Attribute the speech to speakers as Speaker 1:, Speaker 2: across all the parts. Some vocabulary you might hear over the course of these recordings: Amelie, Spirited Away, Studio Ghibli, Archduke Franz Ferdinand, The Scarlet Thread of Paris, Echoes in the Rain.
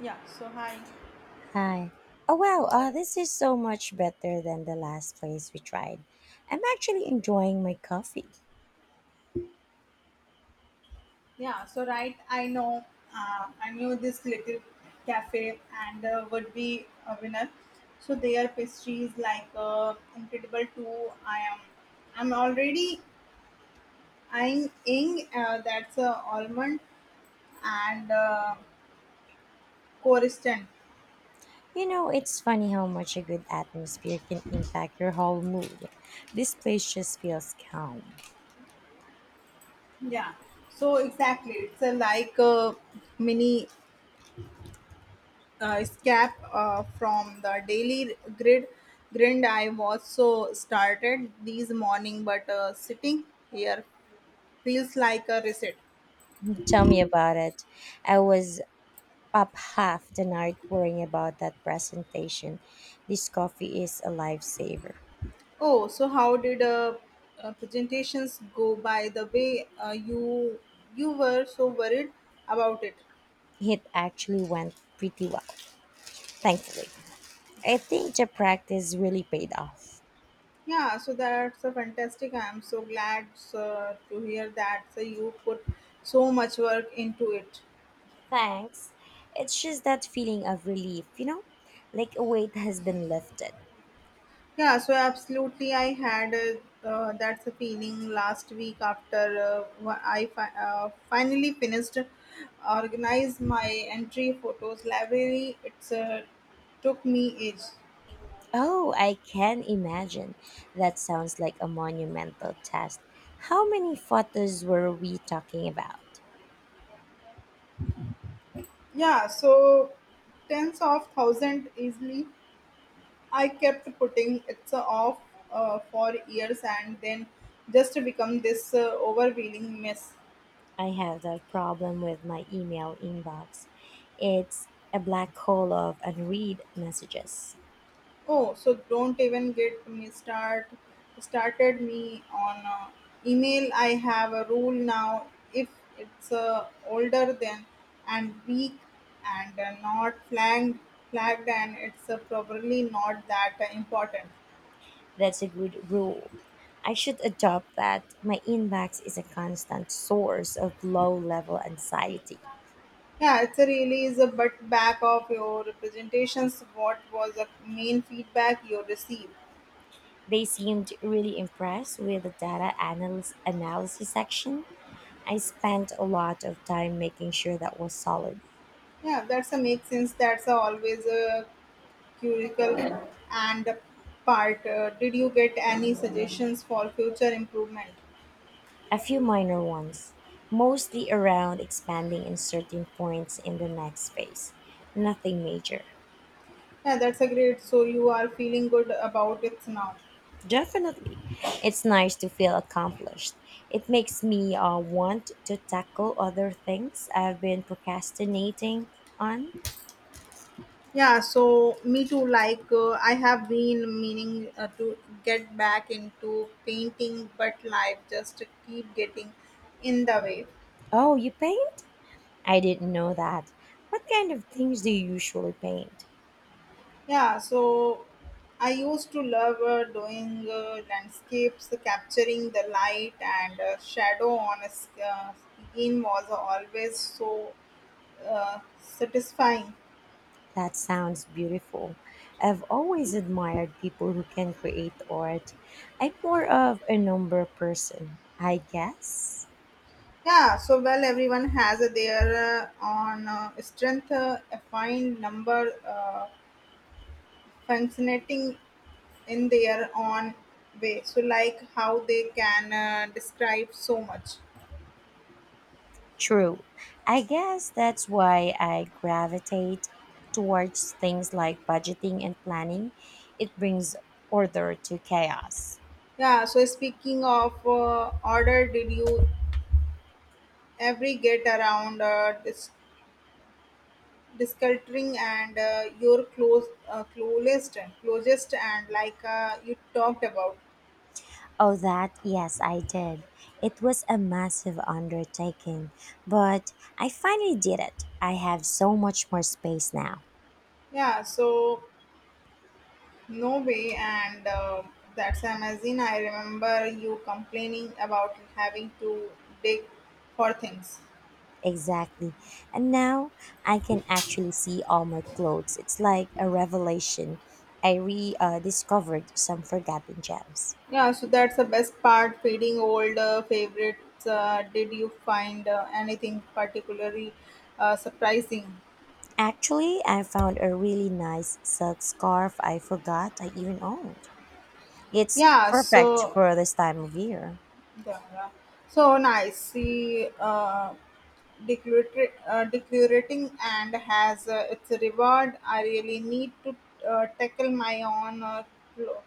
Speaker 1: Yeah, so hi.
Speaker 2: Hi. Oh, wow.
Speaker 1: Or
Speaker 2: This is so much better than the last place we tried. I'm actually enjoying my coffee.
Speaker 1: Yeah, so right. I know. I knew this little cafe and would be a winner. So their pastries like incredible too. I am. I'm already eyeing ing. That's almond and Coriston.
Speaker 2: You know, it's funny how much a good atmosphere can impact your whole mood. This place just feels calm.
Speaker 1: Yeah. So exactly, it's a like a mini escape from the daily grid grind. I was so started this morning, but sitting here feels like a reset.
Speaker 2: Tell me about it. I was up half the night worrying about that presentation. This coffee is a lifesaver.
Speaker 1: Oh, so how did presentations go, by the way? You were so worried about it.
Speaker 2: It actually went pretty well, thankfully. I think the practice really paid off.
Speaker 1: Yeah, so that's a fantastic. I am so glad, sir, to hear that. So you put so much work into it.
Speaker 2: Thanks. It's just that feeling of relief, you know? Like a weight has been lifted.
Speaker 1: Yeah, so absolutely, I had that's a feeling last week after finally finished organize my entry photos library. It's took me ages.
Speaker 2: Oh, I can imagine. That sounds like a monumental task. How many photos were we talking about?
Speaker 1: Yeah, so tens of thousand easily. I kept putting it's off for years and then just become this overwhelming mess.
Speaker 2: I have that problem with my email inbox. It's a black hole of unread messages.
Speaker 1: Oh, so don't even get me started me on email. I have a rule now. If it's older than and weak and not flagged and it's probably not that important.
Speaker 2: That's a good rule. I should adopt that. My inbox is a constant source of low level anxiety.
Speaker 1: Yeah, it's a really is a but back of your presentations. What was the main feedback you received?
Speaker 2: They seemed really impressed with the data analysis section. I spent a lot of time making sure that was solid.
Speaker 1: Yeah, that's a make sense. That's a always a curricle and part. Did you get any suggestions for future improvement?
Speaker 2: A few minor ones, mostly around expanding in certain points in the next phase. Nothing major.
Speaker 1: Yeah, that's a great. So you are feeling good about it now.
Speaker 2: Definitely. It's nice to feel accomplished. It makes me want to tackle other things I've been procrastinating on.
Speaker 1: Yeah, so me too. Like I have been meaning to get back into painting, but life just keep getting in the way.
Speaker 2: Oh, you paint? I didn't know that. What kind of things do you usually paint?
Speaker 1: Yeah, so I used to love doing landscapes, capturing the light and shadow on a screen was always so satisfying.
Speaker 2: That sounds beautiful. I've always admired people who can create art. I'm more of a number person, I guess.
Speaker 1: Yeah, so well, everyone has their own strength, a fine number, fascinating in their own way. So, like how they can describe so much.
Speaker 2: True. I guess that's why I gravitate towards things like budgeting and planning. It brings order to chaos.
Speaker 1: Yeah, so speaking of order, did you every get around discultering and your closest and, like, you talked about.
Speaker 2: Oh, that, yes, I did. It was a massive undertaking, but I finally did it. I have so much more space now.
Speaker 1: Yeah, so no way. And that's amazing. I remember you complaining about having to dig for things.
Speaker 2: Exactly. And now I can actually see all my clothes. It's like a revelation. I re discovered some forgotten gems.
Speaker 1: Yeah, so that's the best part, feeding old favorites. Did you find anything particularly surprising?
Speaker 2: Actually, I found a really nice silk scarf I forgot I even owned. It's
Speaker 1: Yeah,
Speaker 2: perfect
Speaker 1: so,
Speaker 2: for this time of year.
Speaker 1: yeah, yeah. So nice. See, declarating and has its reward. I really need to tackle my own clo-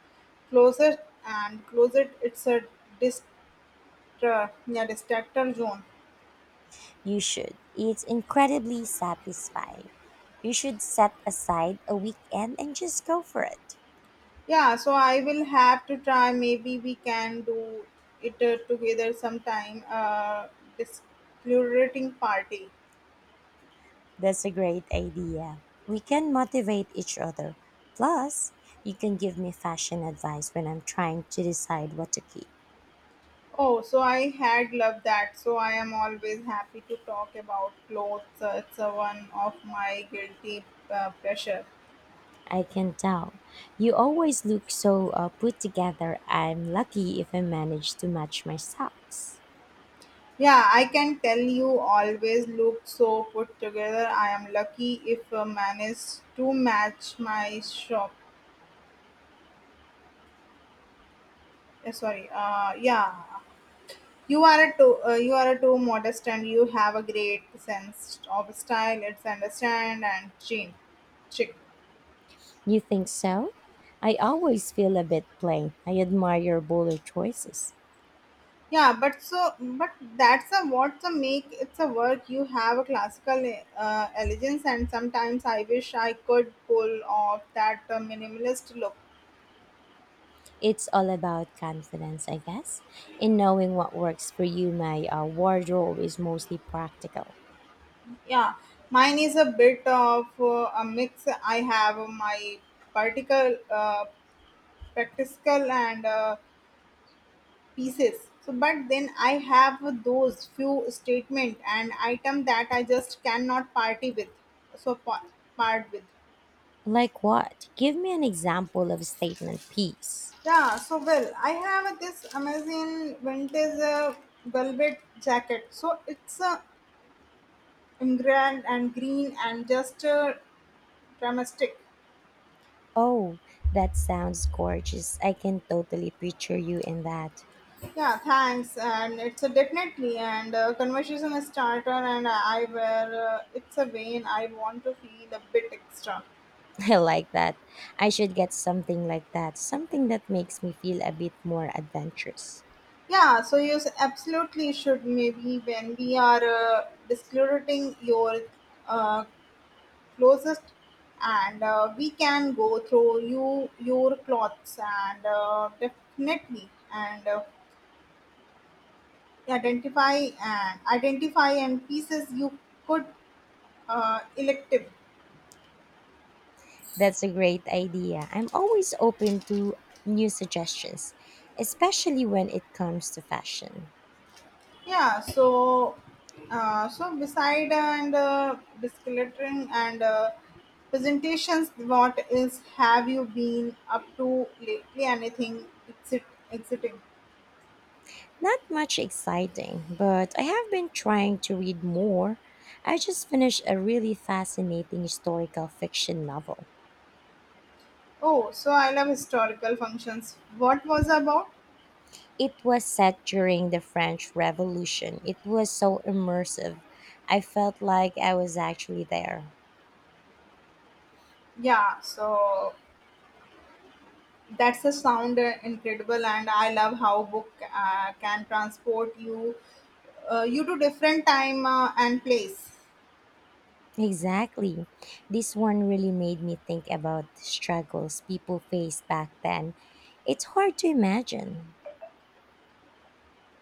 Speaker 1: closet and closet. It's a dist- yeah, distractor zone.
Speaker 2: You should. It's incredibly satisfying. You should set aside a weekend and just go for it.
Speaker 1: Yeah, so I will have to try. Maybe we can do it together sometime. Declarating party.
Speaker 2: That's a great idea. We can motivate each other. Plus, you can give me fashion advice when I'm trying to decide what to keep.
Speaker 1: Oh, so I had loved that. So I am always happy to talk about clothes. It's a one of my guilty pleasure.
Speaker 2: I can tell. You always look so put together. I'm lucky if I manage to match my socks.
Speaker 1: Yeah, I can tell you always look so put together. I am lucky if manage to match my shop. Sorry. Yeah. You are a too modest and you have a great sense of style. It's understand and chic.
Speaker 2: You think so? I always feel a bit plain. I admire your bolder choices.
Speaker 1: Yeah, but that's a what's a make it's a work. You have a classical elegance, and sometimes I wish I could pull off that minimalist look.
Speaker 2: It's all about confidence, I guess, in knowing what works for you. My wardrobe is mostly practical.
Speaker 1: Yeah, mine is a bit of a mix. I have my particle, uh, practical and pieces. So, but then I have those few statement and item that I just cannot party with. So part with.
Speaker 2: Like what? Give me an example of a statement piece.
Speaker 1: Yeah, so well, I have this amazing vintage velvet jacket. So it's grand and green and just dramatic.
Speaker 2: Oh, that sounds gorgeous. I can totally picture you in that.
Speaker 1: Yeah, thanks. And it's a definitely and conversation starter. And I wear it's a vein. I want to feel a bit extra.
Speaker 2: I like that. I should get something like that, something that makes me feel a bit more adventurous.
Speaker 1: Yeah, so you absolutely should. Maybe when we are disclosing your uh, closest and we can go through your clothes and definitely and identify identify and pieces you could elective.
Speaker 2: That's a great idea. I'm always open to new suggestions, especially when it comes to fashion.
Speaker 1: Yeah, so so beside and discoloring and presentations, what is have you been up to lately? Anything exiting?
Speaker 2: Not much exciting, but I have been trying to read more. I just finished a really fascinating historical fiction novel.
Speaker 1: Oh, so I love historical functions. What was about?
Speaker 2: It was set during the French Revolution. It was so immersive. I felt like I was actually there.
Speaker 1: Yeah, so that's a sound incredible, and I love how book can transport you to different time and place.
Speaker 2: Exactly. This one really made me think about the struggles people faced back then. It's hard to imagine.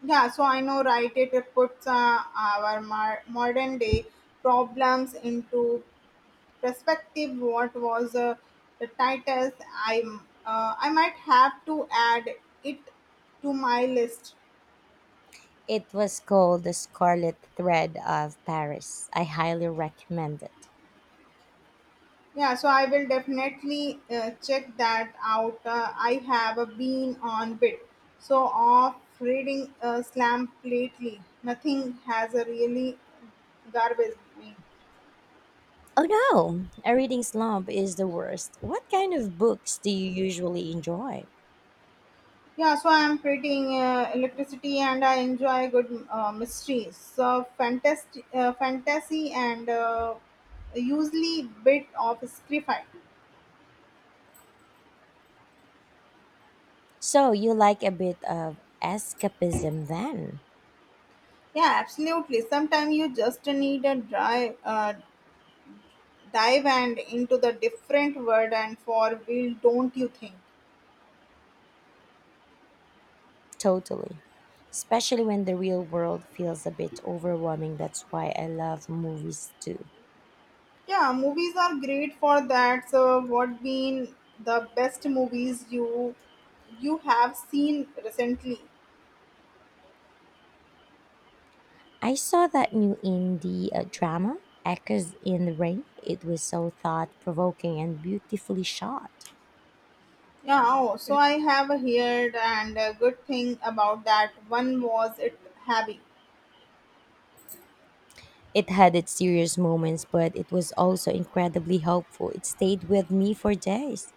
Speaker 1: Yeah, so I know, right? It puts our modern day problems into perspective. What was the titles? I might have to add it to my list.
Speaker 2: It was called The Scarlet Thread of Paris. I highly recommend it.
Speaker 1: Yeah, so I will definitely check that out. I have a been on bit. So off reading slam lately. Nothing has a really garbage me.
Speaker 2: Oh no, a reading slump is the worst. What kind of books do you usually enjoy?
Speaker 1: Yeah, so I am creating electricity and I enjoy good mysteries. So fantasy and usually bit of sci-fi.
Speaker 2: So, you like a bit of escapism then?
Speaker 1: Yeah, absolutely. Sometimes you just need a dive and into the different world and for will, don't you think?
Speaker 2: Totally. Especially when the real world feels a bit overwhelming. That's why I love movies too.
Speaker 1: Yeah, movies are great for that. So what been the best movies you have seen recently?
Speaker 2: I saw that new indie drama, Echoes in the Rain. It was so thought provoking and beautifully shot.
Speaker 1: Yeah. Oh, so I have heard and a good thing about that one. Was it heavy?
Speaker 2: It had its serious moments, but it was also incredibly hopeful. It stayed with me for days.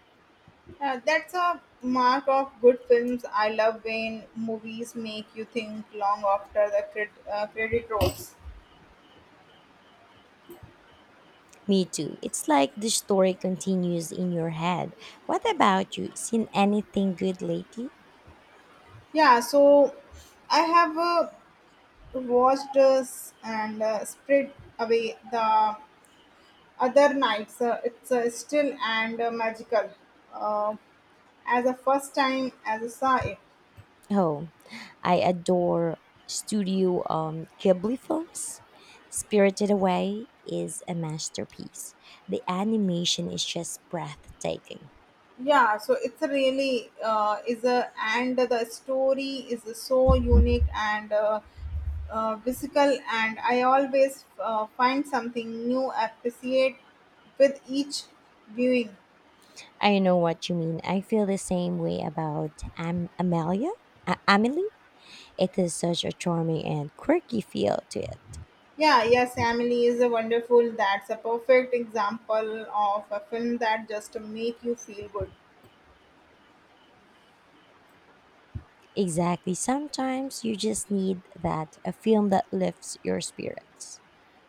Speaker 1: Yeah, that's a mark of good films. I love when movies make you think long after the credit rolls.
Speaker 2: Me too. It's like the story continues in your head. What about you? Seen anything good lately?
Speaker 1: Yeah, so I have a watched us and spread away the other nights. It's still and magical. Uh, as a first time as a saw it.
Speaker 2: Oh, I adore Studio Ghibli films. Spirited Away is a masterpiece. The animation is just breathtaking.
Speaker 1: Yeah, so it's a really is a and the story is so unique and physical, and I always find something new appreciate with each viewing.
Speaker 2: I know what you mean. I feel the same way about Amelia. Amelie. It has such a charming and quirky feel to it.
Speaker 1: Yeah, yes, Emily is a wonderful. That's a perfect example of a film that just make you feel good.
Speaker 2: Exactly. Sometimes you just need that a film that lifts your spirits.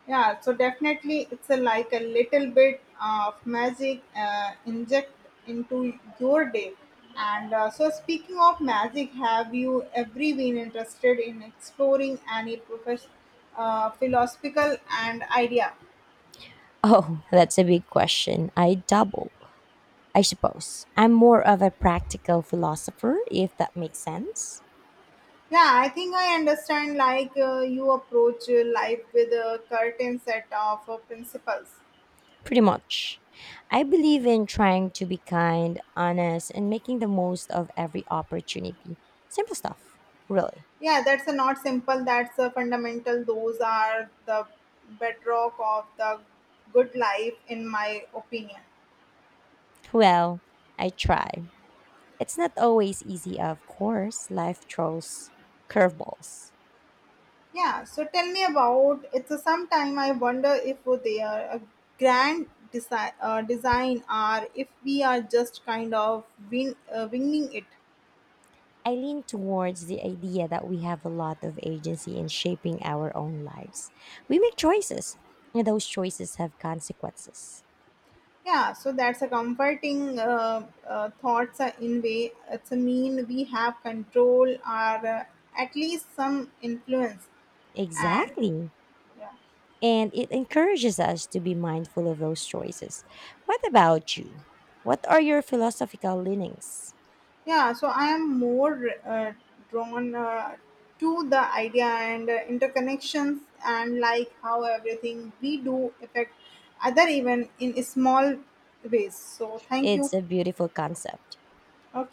Speaker 1: Yeah, so definitely it's a, like, a little bit of magic inject into your day. And so speaking of magic, have you ever been interested in exploring any philosophical and idea?
Speaker 2: Oh, that's a big question. I suppose. I'm more of a practical philosopher, if that makes sense.
Speaker 1: Yeah, I think I understand, like, you approach life with a curtain set of principles.
Speaker 2: Pretty much. I believe in trying to be kind, honest, and making the most of every opportunity. Simple stuff, really.
Speaker 1: Yeah, that's a not simple. That's a fundamental. Those are the bedrock of the good life, in my opinion.
Speaker 2: Well, I try. It's not always easy, of course. Life throws curveballs.
Speaker 1: Yeah. So tell me about. It's a sometime I wonder if they are a grand design or if we are just kind of winging it.
Speaker 2: I lean towards the idea that we have a lot of agency in shaping our own lives. We make choices, and those choices have consequences.
Speaker 1: Yeah. So that's a comforting thoughts in way. It's a mean we have control or at least some influence and.
Speaker 2: Exactly.
Speaker 1: Yeah.
Speaker 2: And it encourages us to be mindful of those choices. What about you? What are your philosophical leanings?
Speaker 1: Yeah, so I am more uh, drawn to the idea and interconnections and, like, how everything we do affect other even in small ways. So thank you.
Speaker 2: It's a beautiful concept.
Speaker 1: Okay.